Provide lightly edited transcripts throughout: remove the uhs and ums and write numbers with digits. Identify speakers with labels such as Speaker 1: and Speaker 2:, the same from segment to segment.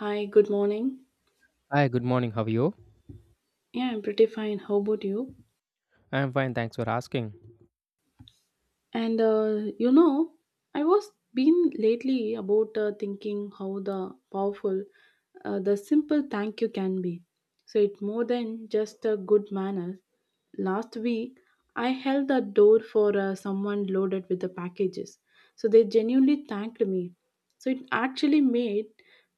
Speaker 1: Hi, good morning.
Speaker 2: Hi, good morning. How are you?
Speaker 1: Yeah, I'm pretty fine. How about you?
Speaker 2: I'm fine. Thanks for asking.
Speaker 1: And uh, you know, I was been lately about thinking how the powerful the simple thank you can be. So it's more than just a good manners. Last week, I held the door for someone loaded with the packages. So they genuinely thanked me. So it actually made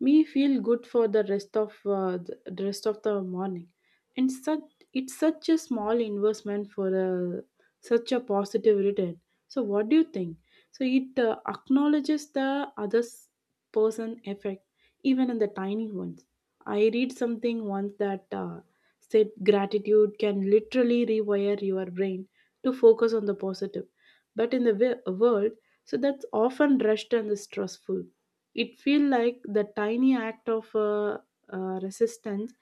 Speaker 1: me feel good for the rest of the rest of the morning. And such it's such a small investment for such a positive return, so what do you think? So, it acknowledges the other person effect, even in the tiny ones. I read something once that said gratitude can literally rewire your brain to focus on the positive. But in the world, so that's often rushed and stressful. It feel like the tiny act of resistance.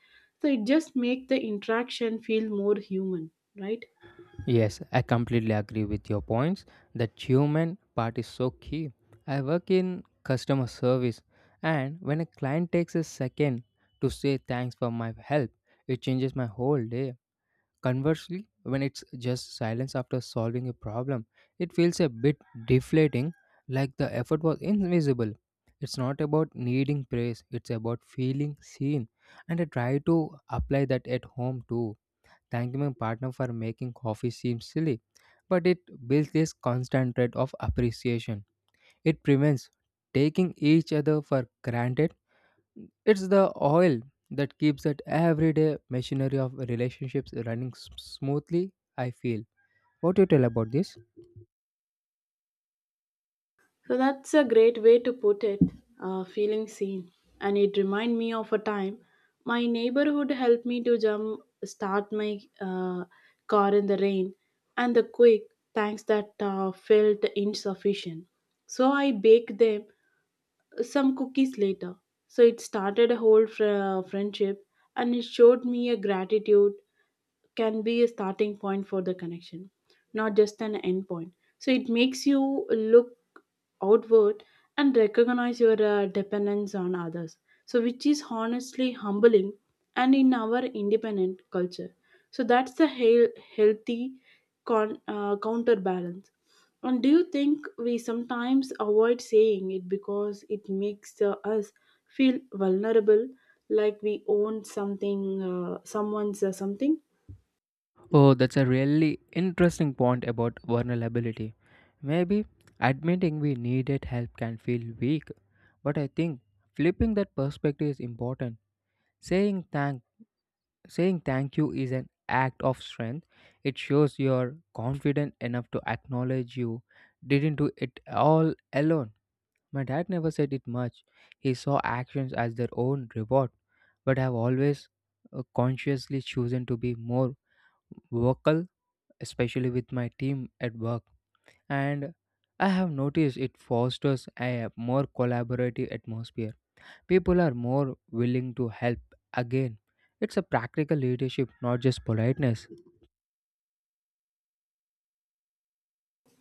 Speaker 1: So it just make the interaction feel more human, right?
Speaker 2: Yes, I completely agree with your points. That human part is so key. I work in customer service, and when a client takes a second to say thanks for my help, it changes my whole day. Conversely, when it's just silence after solving a problem, it feels a bit deflating, like the effort was invisible. It's not about needing praise, it's about feeling seen. And I try to apply that at home too. Thanking my partner for making coffee seems silly, but it builds this constant thread of appreciation. It prevents taking each other for granted. It's the oil that keeps that everyday machinery of relationships running smoothly, I feel. What do you tell about this?
Speaker 1: So that's a great way to put it, feeling seen. And it reminded me of a time my neighborhood helped me to jump start my car in the rain, and the quick thanks that felt insufficient. So I baked them some cookies later. So it started a whole friendship, and it showed me a gratitude can be a starting point for the connection, not just an end point. So it makes you look outward and recognize your dependence on others. So, which is honestly humbling and in our independent culture. So, that's the healthy counterbalance. And do you think we sometimes avoid saying it because it makes us feel vulnerable, like we own something, someone's something?
Speaker 2: Oh, that's a really interesting point about vulnerability. Maybe admitting we needed help can feel weak, but I think flipping that perspective is important. Saying thank Saying thank you is an act of strength. It shows you're confident enough to acknowledge you didn't do it all alone. My dad never said it much. He saw actions as their own reward, but I've always consciously chosen to be more vocal, especially with my team at work. And I have noticed it fosters a more collaborative atmosphere. People are more willing to help again. It's a practical leadership, not just politeness.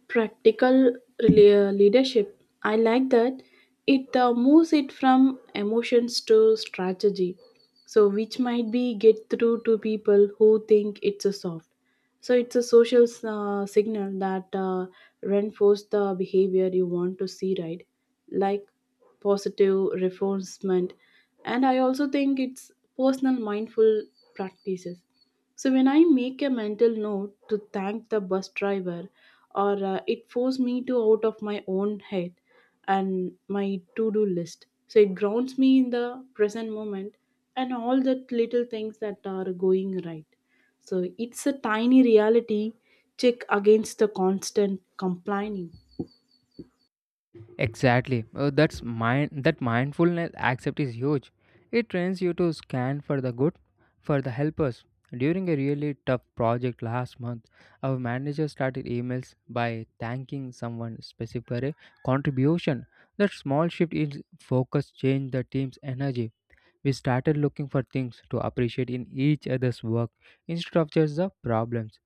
Speaker 1: Practical leadership. I like that. It moves it from emotions to strategy. So, which might be get through to people who think it's a soft. So, it's a social signal that reinforces the behavior you want to see, right? Like positive reinforcement. And I also think it's personal mindful practices. So when I make a mental note to thank the bus driver, or it forced me to out of my own head and my to-do list. So it grounds me in the present moment and all the little things that are going right. So it's a tiny reality check against the constant complaining.
Speaker 2: Exactly. That mindfulness accept is huge. It trains you to scan for the good, for the helpers. During a really tough project last month, our manager started emails by thanking someone specific for a contribution. That small shift in focus changed the team's energy. We started looking for things to appreciate in each other's work instead of just the problems.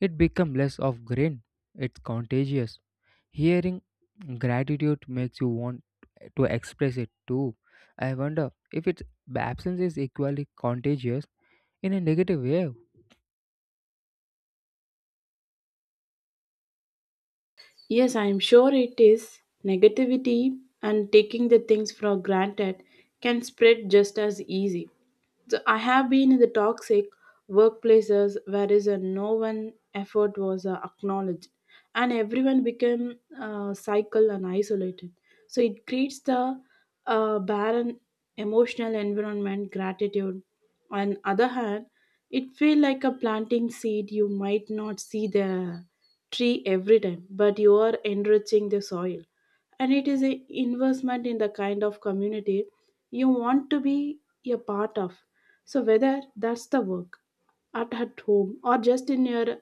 Speaker 2: It became less of grin. It's contagious. Hearing gratitude makes you want to express it too. I wonder if its absence is equally contagious in a negative way.
Speaker 1: Yes, I am sure it is. Negativity and taking the things for granted can spread just as easy. So I have been in the toxic workplaces where is a no one effort was acknowledged, and everyone became cycle and isolated. So it creates the barren emotional environment, gratitude. On other hand, it feel like a planting seed you might not see there tree every time, but you are enriching the soil. And it is an investment in the kind of community you want to be a part of. So, whether that's the work at home or just in your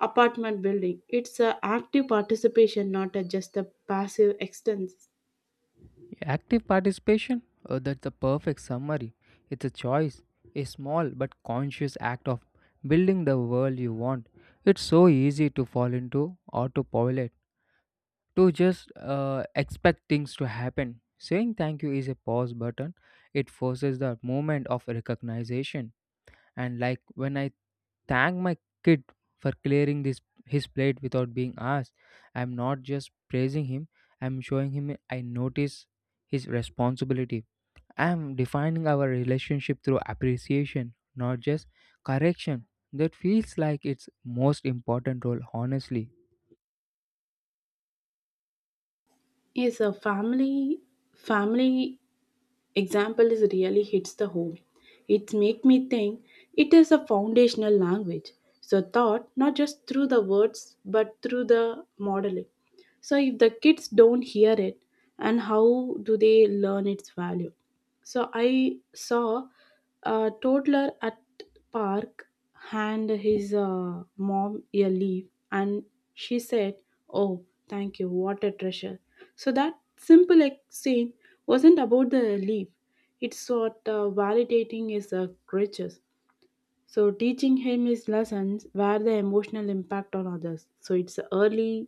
Speaker 1: apartment building, it's an active participation, not a, just a passive extents.
Speaker 2: Active participation? Oh, that's the perfect summary. It's a choice, a small but conscious act of building the world you want. It's so easy to fall into autopilot, to just expect things to happen. Saying thank you is a pause button, it forces the moment of recognition. And like when I thank my kid for clearing this his plate without being asked, I'm not just praising him, I'm showing him I notice his responsibility. I'm defining our relationship through appreciation, not just correction. That feels like its most important role, honestly.
Speaker 1: Yes, a family example is really hits the home. It make me think it is a foundational language. So thought not just through the words but through the modeling. So if the kids don't hear it, and how do they learn its value? So I saw a toddler at park hand his mom a leaf, and she said, "Oh, thank you. What a treasure." So that simple exchange wasn't about the leaf. It's what validating his crutches. So teaching him his lessons were the emotional impact on others. So it's early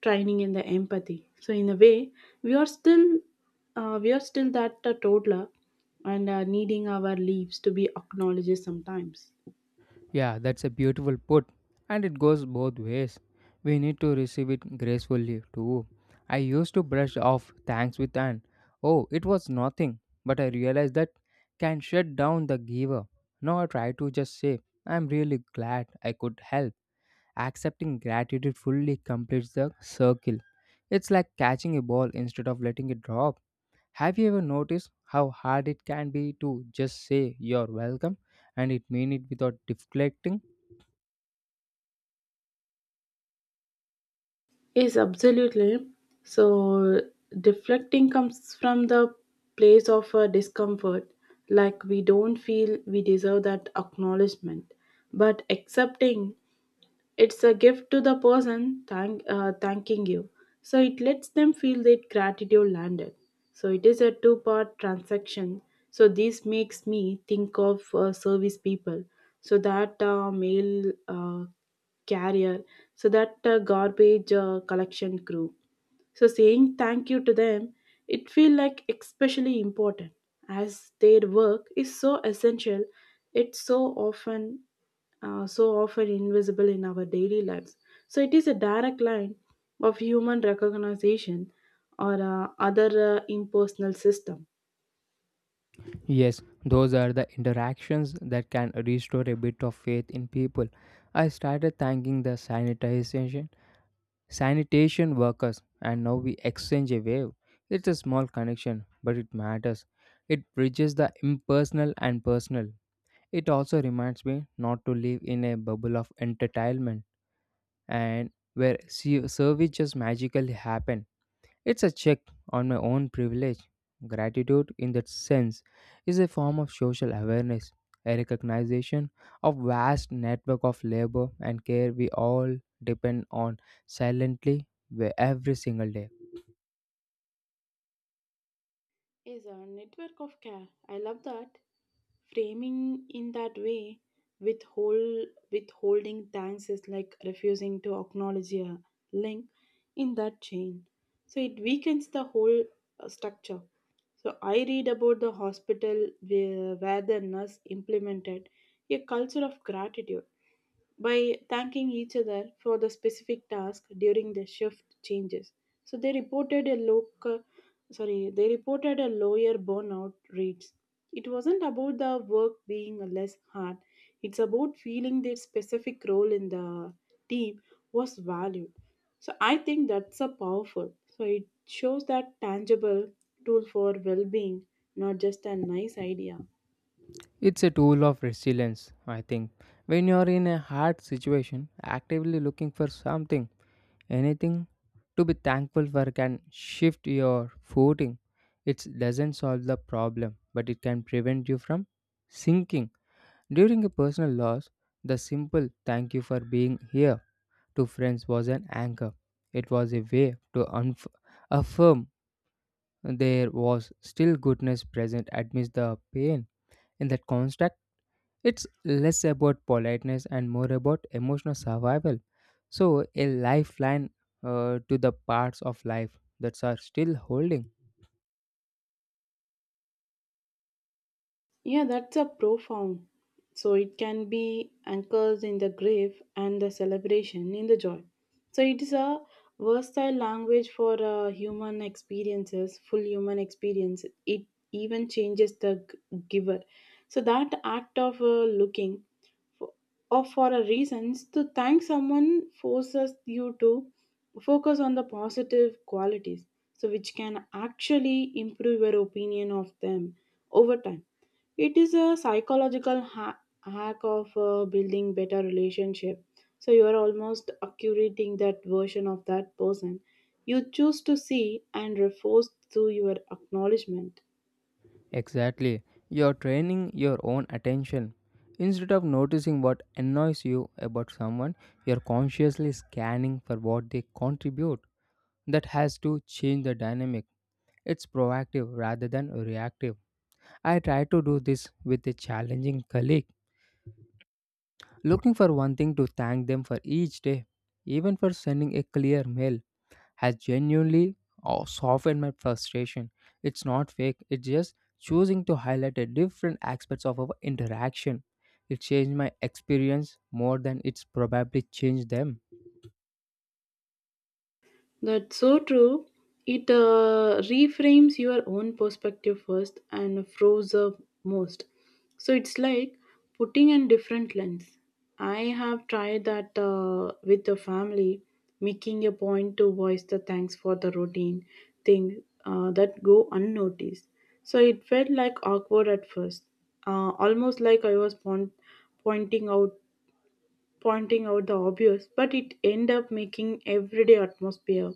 Speaker 1: training in the empathy. So in a way, we are still we are still that toddler and needing our leaves to be acknowledged sometimes.
Speaker 2: Yeah, that's a beautiful put, and it goes both ways. We need to receive it gracefully too. I used to brush off thanks with an oh, it was nothing, but I realized that can shut down the giver. Now I try to just say, I'm really glad I could help. Accepting gratitude fully completes the circle. It's like catching a ball instead of letting it drop. Have you ever noticed how hard it can be to just say you're welcome and it mean it without deflecting?
Speaker 1: Yes, absolutely. So, deflecting comes from the place of discomfort, like we don't feel we deserve that acknowledgement. But accepting it's a gift to the person thanking you. So it lets them feel that gratitude landed. So it is a two-part transaction. So this makes me think of service people. So that mail carrier, so that garbage collection crew, so saying thank you to them, it feel like especially important as their work is so essential. It's often so often invisible in our daily lives. So it is a direct line of human recognition or other impersonal system.
Speaker 2: Yes, those are the interactions that can restore a bit of faith in people. I started thanking the sanitation workers, and now we exchange a wave. It's a small connection, but it matters. It bridges the impersonal and personal. It also reminds me not to live in a bubble of entertainment and where services magically happen. It's a check on my own privilege. Gratitude, in that sense, is a form of social awareness, a recognition of vast network of labor and care we all depend on silently every single day.
Speaker 1: Is a network of care. I love that framing in that way. Withhold, withholding thanks is like refusing to acknowledge a link in that chain. So it weakens the whole structure. So I read about the hospital where the nurse implemented a culture of gratitude by thanking each other for the specific task during the shift changes. So they reported a lower burnout rates. It wasn't about the work being less hard. It's about feeling their specific role in the team was valued. So I think that's a powerful. So it shows that tangible tool for well-being, not just a nice idea.
Speaker 2: It's a tool of resilience, I think. When you're in a hard situation, actively looking for something, anything, to be thankful for can shift your footing. It doesn't solve the problem, but it can prevent you from sinking. During a personal loss, the simple thank you for being here to friends was an anchor. It was a way to affirm there was still goodness present amidst the pain. In that construct, it's less about politeness and more about emotional survival. So, a lifeline to the parts of life that are still holding.
Speaker 1: Yeah, that's a profound. So it can be anchors in the grave and the celebration in the joy. So it is a versatile language for full human experience. It even changes the giver. So that act of looking for, for a reasons to thank someone forces you to focus on the positive qualities, so which can actually improve your opinion of them over time. It is a psychological hack of building better relationship. So you are almost accurating that version of that person you choose to see and reinforce through your acknowledgement.
Speaker 2: Exactly. You're training your own attention. Instead of noticing what annoys you about someone, you're consciously scanning for what they contribute. That has to change the dynamic. It's proactive rather than reactive. I try to do this with a challenging colleague, looking for one thing to thank them for each day, even for sending a clear mail, has genuinely softened my frustration. It's not fake, it's just choosing to highlight a different aspects of our interaction. It changed my experience more than it's probably changed them,
Speaker 1: That's so true. It reframes your own perspective first and froze up most. So it's like putting in different lens. I have tried that with the family, making a point to voice the thanks for the routine thing that go unnoticed. So it felt like awkward at first, almost like I was pointing out pointing out the obvious, but it end up making everyday atmosphere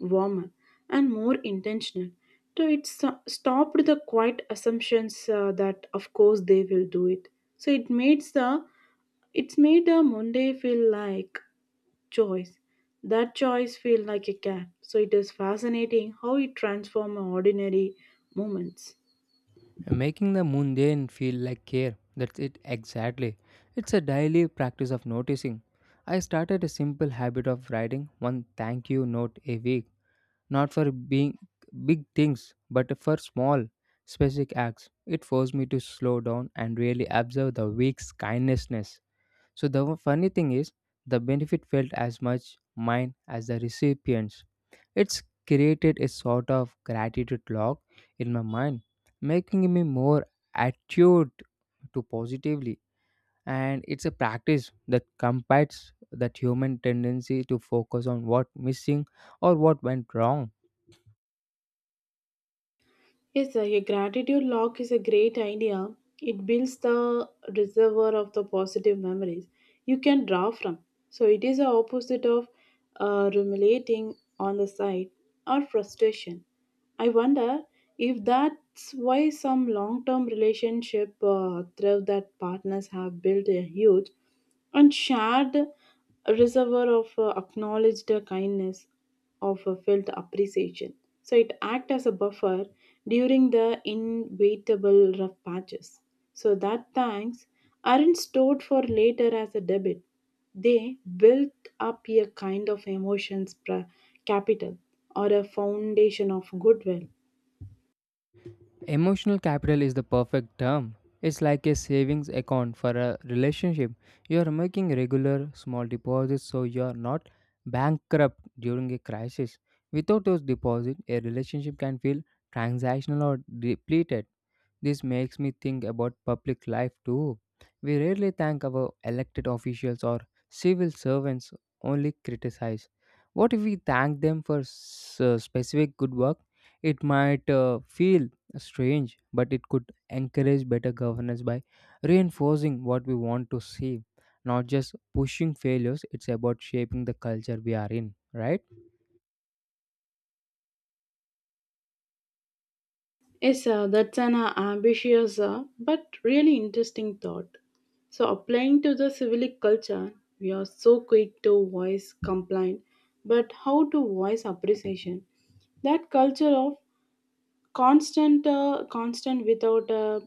Speaker 1: warmer and more intentional. So it stopped the quiet assumptions that of course they will do it. So it's made the Monday feel like choice. That choice feel like a gap. So it is fascinating how it transforms ordinary moments.
Speaker 2: making the mundane feel like care. That's it exactly. It's a daily practice of noticing. I started a simple habit of writing one thank you note a week, not for being big things, but for small, specific acts. It forced me to slow down and really observe the week's kindnessness. So the funny thing is, the benefit felt as much mine as the recipients. It's created a sort of gratitude log in my mind, making me more attuned to positively. And it's a practice that combats that human tendency to focus on what missing or what went wrong.
Speaker 1: Yes, sir, a gratitude log is a great idea. It builds the reservoir of the positive memories you can draw from. So it is the opposite of ruminating on the side or frustration. I wonder if that's why some long-term relationship through that partners have built a huge and shared reservoir of acknowledged kindness of felt appreciation. So it acts as a buffer during the inevitable rough patches. So that thanks aren't stored for later as a debit. They built up a kind of capital or a foundation of goodwill.
Speaker 2: Emotional capital is the perfect term. It's like a savings account for a relationship. You are making regular small deposits so you are not bankrupt during a crisis. Without those deposits, a relationship can feel transactional or depleted. This makes me think about public life too. We rarely thank our elected officials or civil servants, only criticize. What if we thank them for specific good work? It might feel strange, but it could encourage better governance by reinforcing what we want to see. Not just pushing failures, it's about shaping the culture we are in, right?
Speaker 1: Yes, that's an ambitious but really interesting thought. So, applying to the civic culture, we are so quick to voice complaint, but how to voice appreciation? That culture of constant without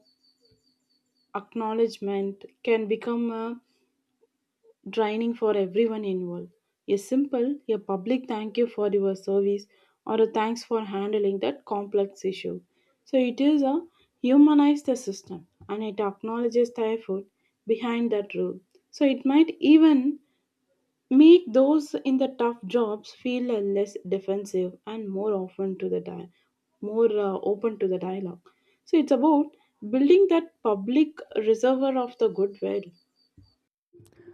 Speaker 1: acknowledgement can become a draining for everyone involved. A simple, a public thank you for your service or a thanks for handling that complex issue. So it is a humanized the system, and it acknowledges the effort behind that rule. So it might even make those in the tough jobs feel less defensive and more often to the di- more open to the dialogue. So it's about building that public reservoir of the goodwill.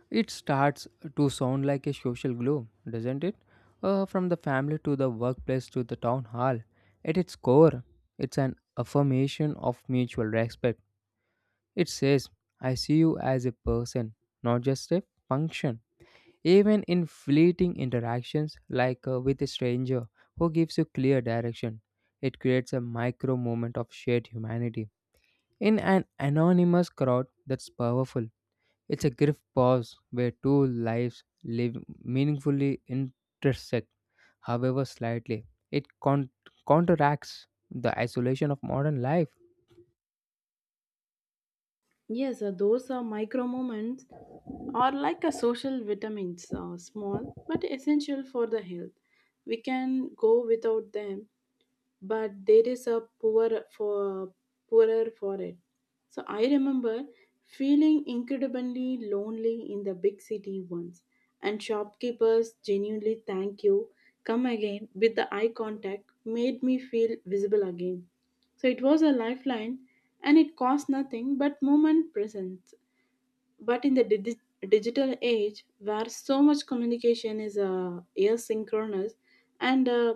Speaker 2: It starts to sound like a social glue, doesn't it? From the family to the workplace to the town hall. At its core, it's an affirmation of mutual respect. It says, I see you as a person, not just a function. Even in fleeting interactions like with a stranger who gives you clear direction, it creates a micro moment of shared humanity. In an anonymous crowd, that's powerful. It's a brief pause where two lives live meaningfully intersect, however slightly. It counteracts the isolation of modern life.
Speaker 1: Yes, those micro moments are like a social vitamins, small but essential for the health. We can go without them, but there is a poorer for it. So I remember feeling incredibly lonely in the big city once, and shopkeepers genuinely thank you, come again with the eye contact made me feel visible again. So it was a lifeline, and it cost nothing but moment presence. But in the digital age, where so much communication is asynchronous and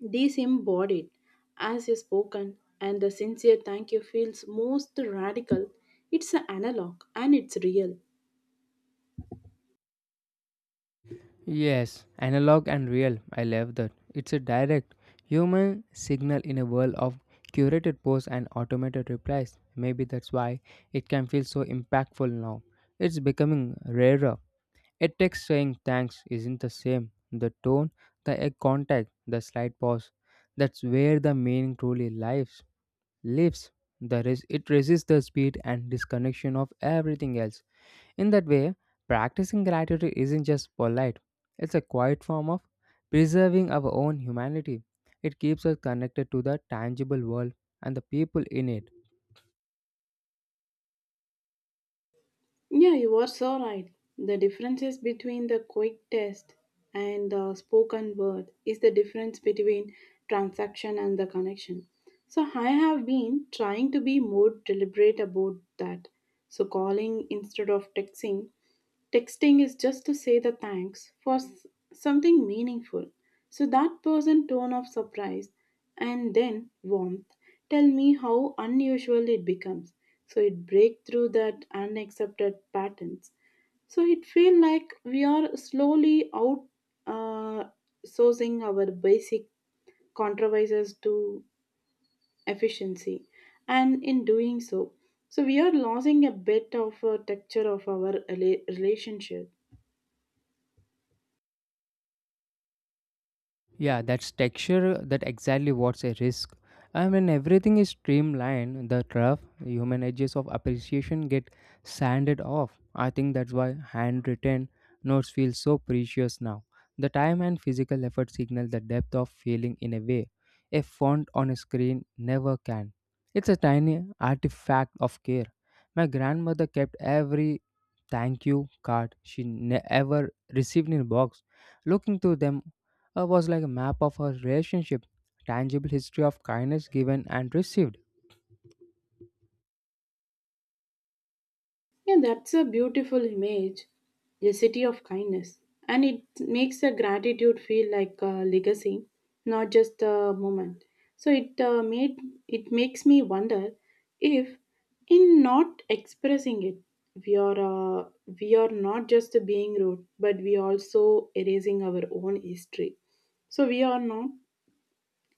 Speaker 1: these embodied as a spoken and the sincere thank you feels most radical. It's an analog, and it's real.
Speaker 2: Yes, analog and real. I love that. It's a direct human signal in a world of curated posts and automated replies. Maybe that's why it can feel so impactful now. It's becoming rarer. A text saying thanks isn't the same. The tone, the eye contact, the slight pause. That's where the meaning truly lives. The it resists the speed and disconnection of everything else. In that way, practicing gratitude isn't just polite. It's a quiet form of preserving our own humanity. It keeps us connected to the tangible world and the people in it.
Speaker 1: Yeah, you are so right. The differences between the quick test and the spoken word is the difference between transaction and the connection. So I have been trying to be more deliberate about that. So calling instead of texting is just to say the thanks for something meaningful. So that person tone of surprise and then warmth tell me how unusual it becomes. So it break through that unaccepted patterns. So it feel like we are slowly out uh, sourcing our basic controversies to efficiency, and in doing so we are losing a bit of a texture of our relationship.
Speaker 2: Yeah, that's texture that exactly what's a risk. I mean everything is streamlined, the rough human edges of appreciation get sanded off. I think that's why handwritten notes feel so precious now. The time and physical effort signal the depth of feeling in a way a font on a screen never can. It's a tiny artifact of care. My grandmother kept every thank you card she never received in a box. Looking through them was like a map of our relationship, tangible history of kindness given and received.
Speaker 1: Yeah, that's a beautiful image, the city of kindness. And it makes a gratitude feel like a legacy, not just a moment. So it makes me wonder if, in not expressing it, we are uh, we are not just being rude, but we also erasing our own history. So we are not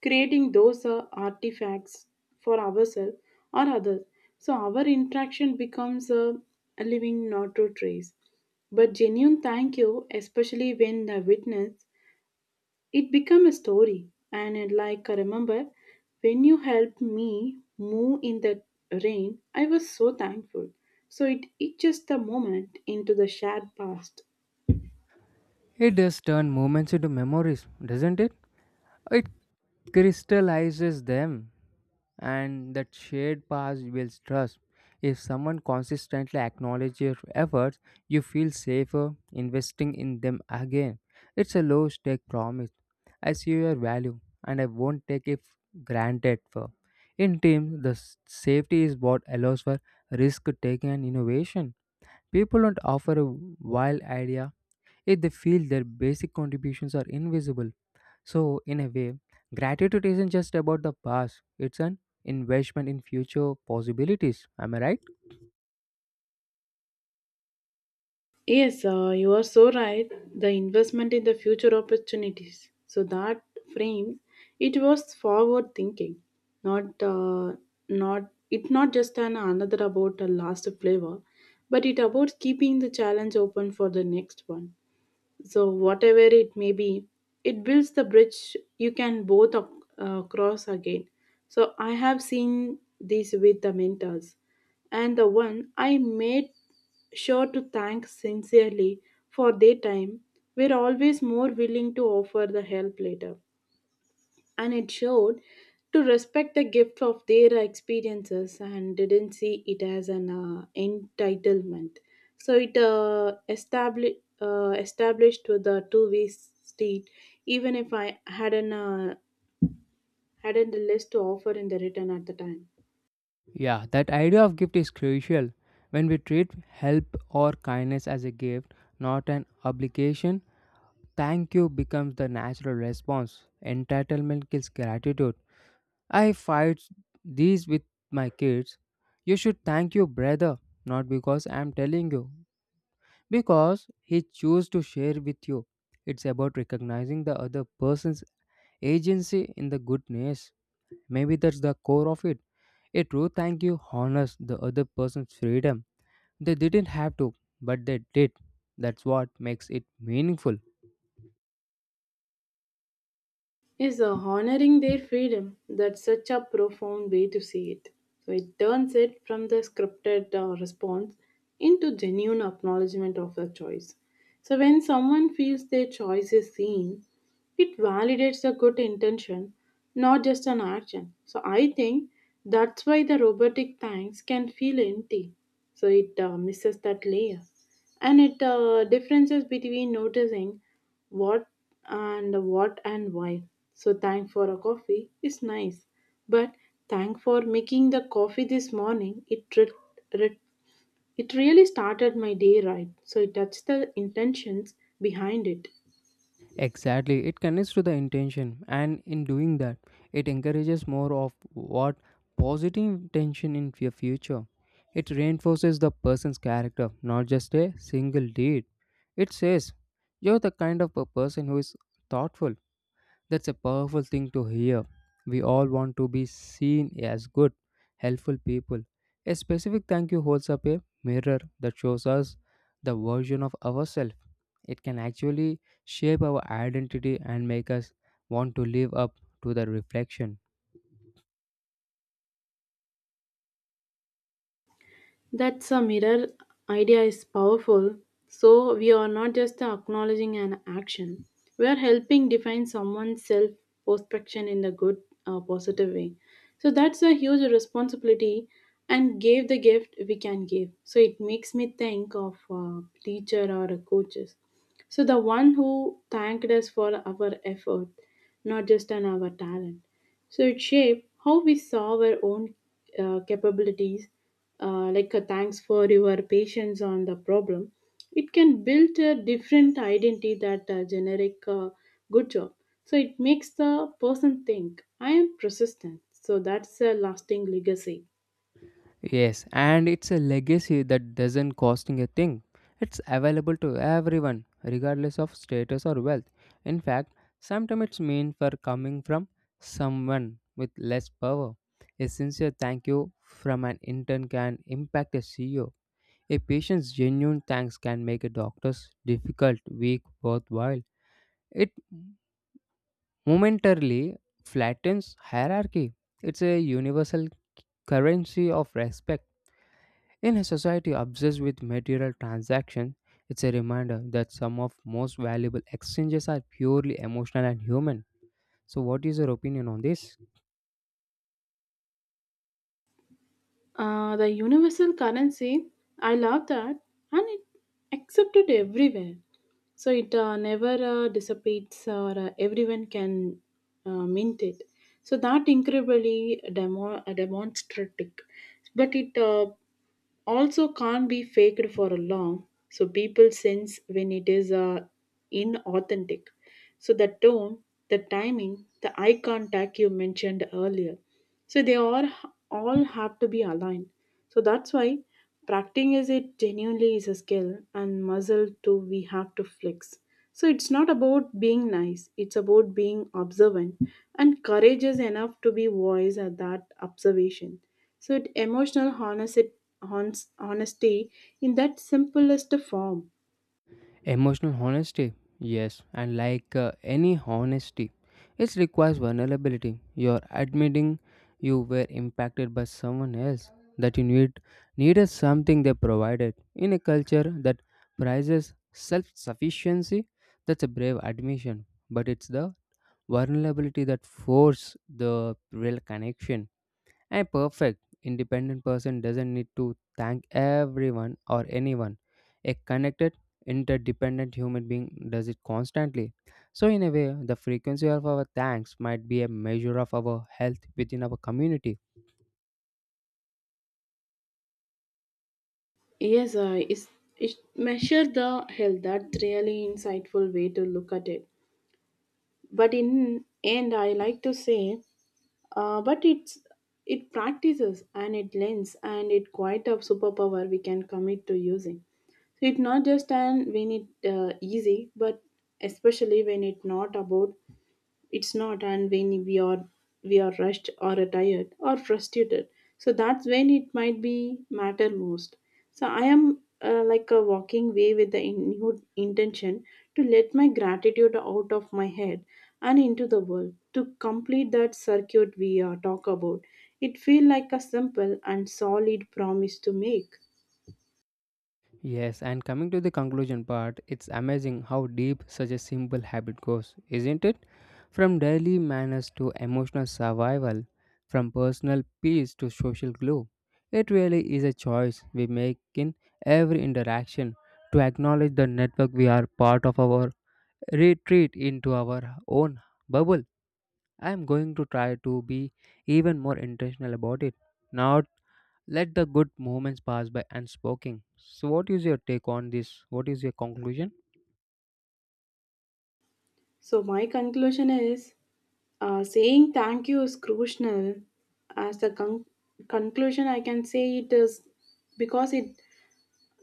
Speaker 1: creating those artifacts for ourselves or others. So our interaction becomes a living not to trace. But genuine thank you, especially when the witness, it become a story. And it like I remember, when you helped me move in the rain, I was so thankful. So it just a moment into the shared past.
Speaker 2: It does turn moments into memories, doesn't it? It crystallizes them, and that shared past builds trust. If someone consistently acknowledges your efforts, you feel safer investing in them again. It's a low stake promise. I see your value and I won't take it granted for. In teams, the safety is what allows for risk taking and innovation. People don't offer a wild idea if they feel their basic contributions are invisible. So, in a way, gratitude isn't just about the past, it's an investment in future possibilities. Am I right?
Speaker 1: Yes, you are so right. The investment in the future opportunities. So that frame, it was forward thinking, not uh, not just an another about a last flavor, but it about keeping the challenge open for the next one, so whatever it may be, it builds the bridge you can both cross again. So I have seen this with the mentors, and the one I made sure to thank sincerely for their time were always more willing to offer the help later, and it showed to respect the gift of their experiences and didn't see it as an entitlement. So it established with the two-way street, even if I hadn't uh, hadn't the list to offer in the return at the time.
Speaker 2: Yeah, that idea of gift is crucial. When we treat help or kindness as a gift, not an obligation, thank you becomes the natural response. Entitlement kills gratitude. I fight these with my kids. You should thank your brother, not because I'm telling you, because he chose to share with you. It's about recognizing the other person's agency in the goodness. Maybe that's the core of it. A true thank you honors the other person's freedom. They didn't have to, but they did. That's what makes it meaningful.
Speaker 1: Is honoring their freedom. That's such a profound way to see it. So it turns it from the scripted response into genuine acknowledgement of the choice. So when someone feels their choice is seen, it validates a good intention, not just an action. So I think that's why the robotic thanks can feel empty. So it misses that layer. And it differences between noticing what what and why? So thank for a coffee is nice, but thank for making the coffee this morning. Re- it really started my day right. So it touched the intentions behind it.
Speaker 2: Exactly, it connects to the intention, and in doing that, it encourages more of what positive intention in your future. It reinforces the person's character, not just a single deed. It says, you're the kind of a person who is thoughtful, that's a powerful thing to hear. We all want to be seen as good, helpful people. A specific thank you holds up a mirror that shows us the version of ourselves. It can actually shape our identity and make us want to live up to the reflection.
Speaker 1: That's a mirror idea is powerful. So we are not just acknowledging an action. We are helping define someone's self perception in a good positive way. So that's a huge responsibility and give the gift we can give. So it makes me think of a teacher or a coaches. So the one who thanked us for our effort, not just on our talent. So it shaped how we saw our own capabilities. Like a thanks for your patience on the problem. It can build a different identity that generic good job. So it makes the person think I am persistent. So that's a lasting legacy.
Speaker 2: Yes, and it's a legacy that doesn't costing a thing. It's available to everyone, regardless of status or wealth. In fact, sometimes it's meant for coming from someone with less power. A sincere thank you from an intern can impact a CEO. A patient's genuine thanks can make a doctor's difficult week worthwhile. It momentarily flattens hierarchy. It's a universal currency of respect. In a society obsessed with material transactions, it's a reminder that some of most valuable exchanges are purely emotional and human. So, what is your opinion on this?
Speaker 1: The universal currency, I love that, and it accepted everywhere. So it never dissipates, or everyone can mint it. So that incredibly demonstrative, but it also can't be faked for a long, so people sense when it is inauthentic. So the tone, the timing, the eye contact you mentioned earlier, so they all have to be aligned. So that's why practicing is it genuinely is a skill, and muscle too we have to flex. So it's not about being nice, it's about being observant and courageous enough to be voice at that observation. So it emotional honesty, honesty in that simplest form.
Speaker 2: Emotional honesty, yes, and like any honesty, it requires vulnerability. You're admitting you were impacted by someone else that you needed something they provided. In a culture that prizes self-sufficiency, that's a brave admission, but it's the vulnerability that force the real connection. A perfect, independent person doesn't need to thank everyone or anyone. A connected, interdependent human being does it constantly. So, in a way, the frequency of our thanks might be a measure of our health within our community.
Speaker 1: Yes, is it measure the health. That's really insightful way to look at it. But in end, I like to say, but it's it practices and it lends and it quite a superpower we can commit to using. So it's not just an when it easy, but especially when it's not about it's not and when we are rushed or tired or frustrated, so that's when it might be matter most. So I am like a walking way with the intention to let my gratitude out of my head and into the world to complete that circuit we talk about. It feel like a simple and solid promise to make.
Speaker 2: Yes, and coming to the conclusion part, it's amazing how deep such a simple habit goes, isn't it? From daily manners to emotional survival, from personal peace to social glue. It really is a choice we make in every interaction to acknowledge the network we are part of our retreat into our own bubble. I am going to try to be even more intentional about it, not let the good moments pass by unspoken. So, what is your take on this? What is your conclusion?
Speaker 1: So, my conclusion is, saying thank you is crucial. As the conclusion, I can say it is because it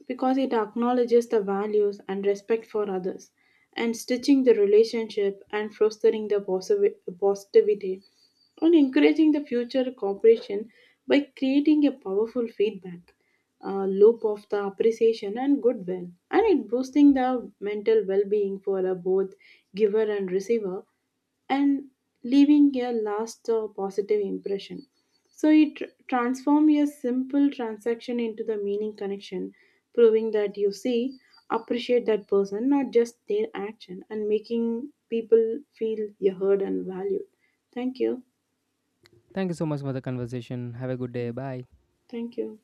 Speaker 1: because it acknowledges the values and respect for others, and stitching the relationship and fostering the positivity and encouraging the future cooperation by creating a powerful feedback loop of the appreciation and goodwill, and it boosting the mental well-being for both giver and receiver, and leaving a last positive impression. So it transform a simple transaction into the meaning connection, proving that you see, appreciate that person, not just their action, and making people feel you heard and valued. Thank you.
Speaker 2: Thank you so much for the conversation. Have a good day. Bye.
Speaker 1: Thank you.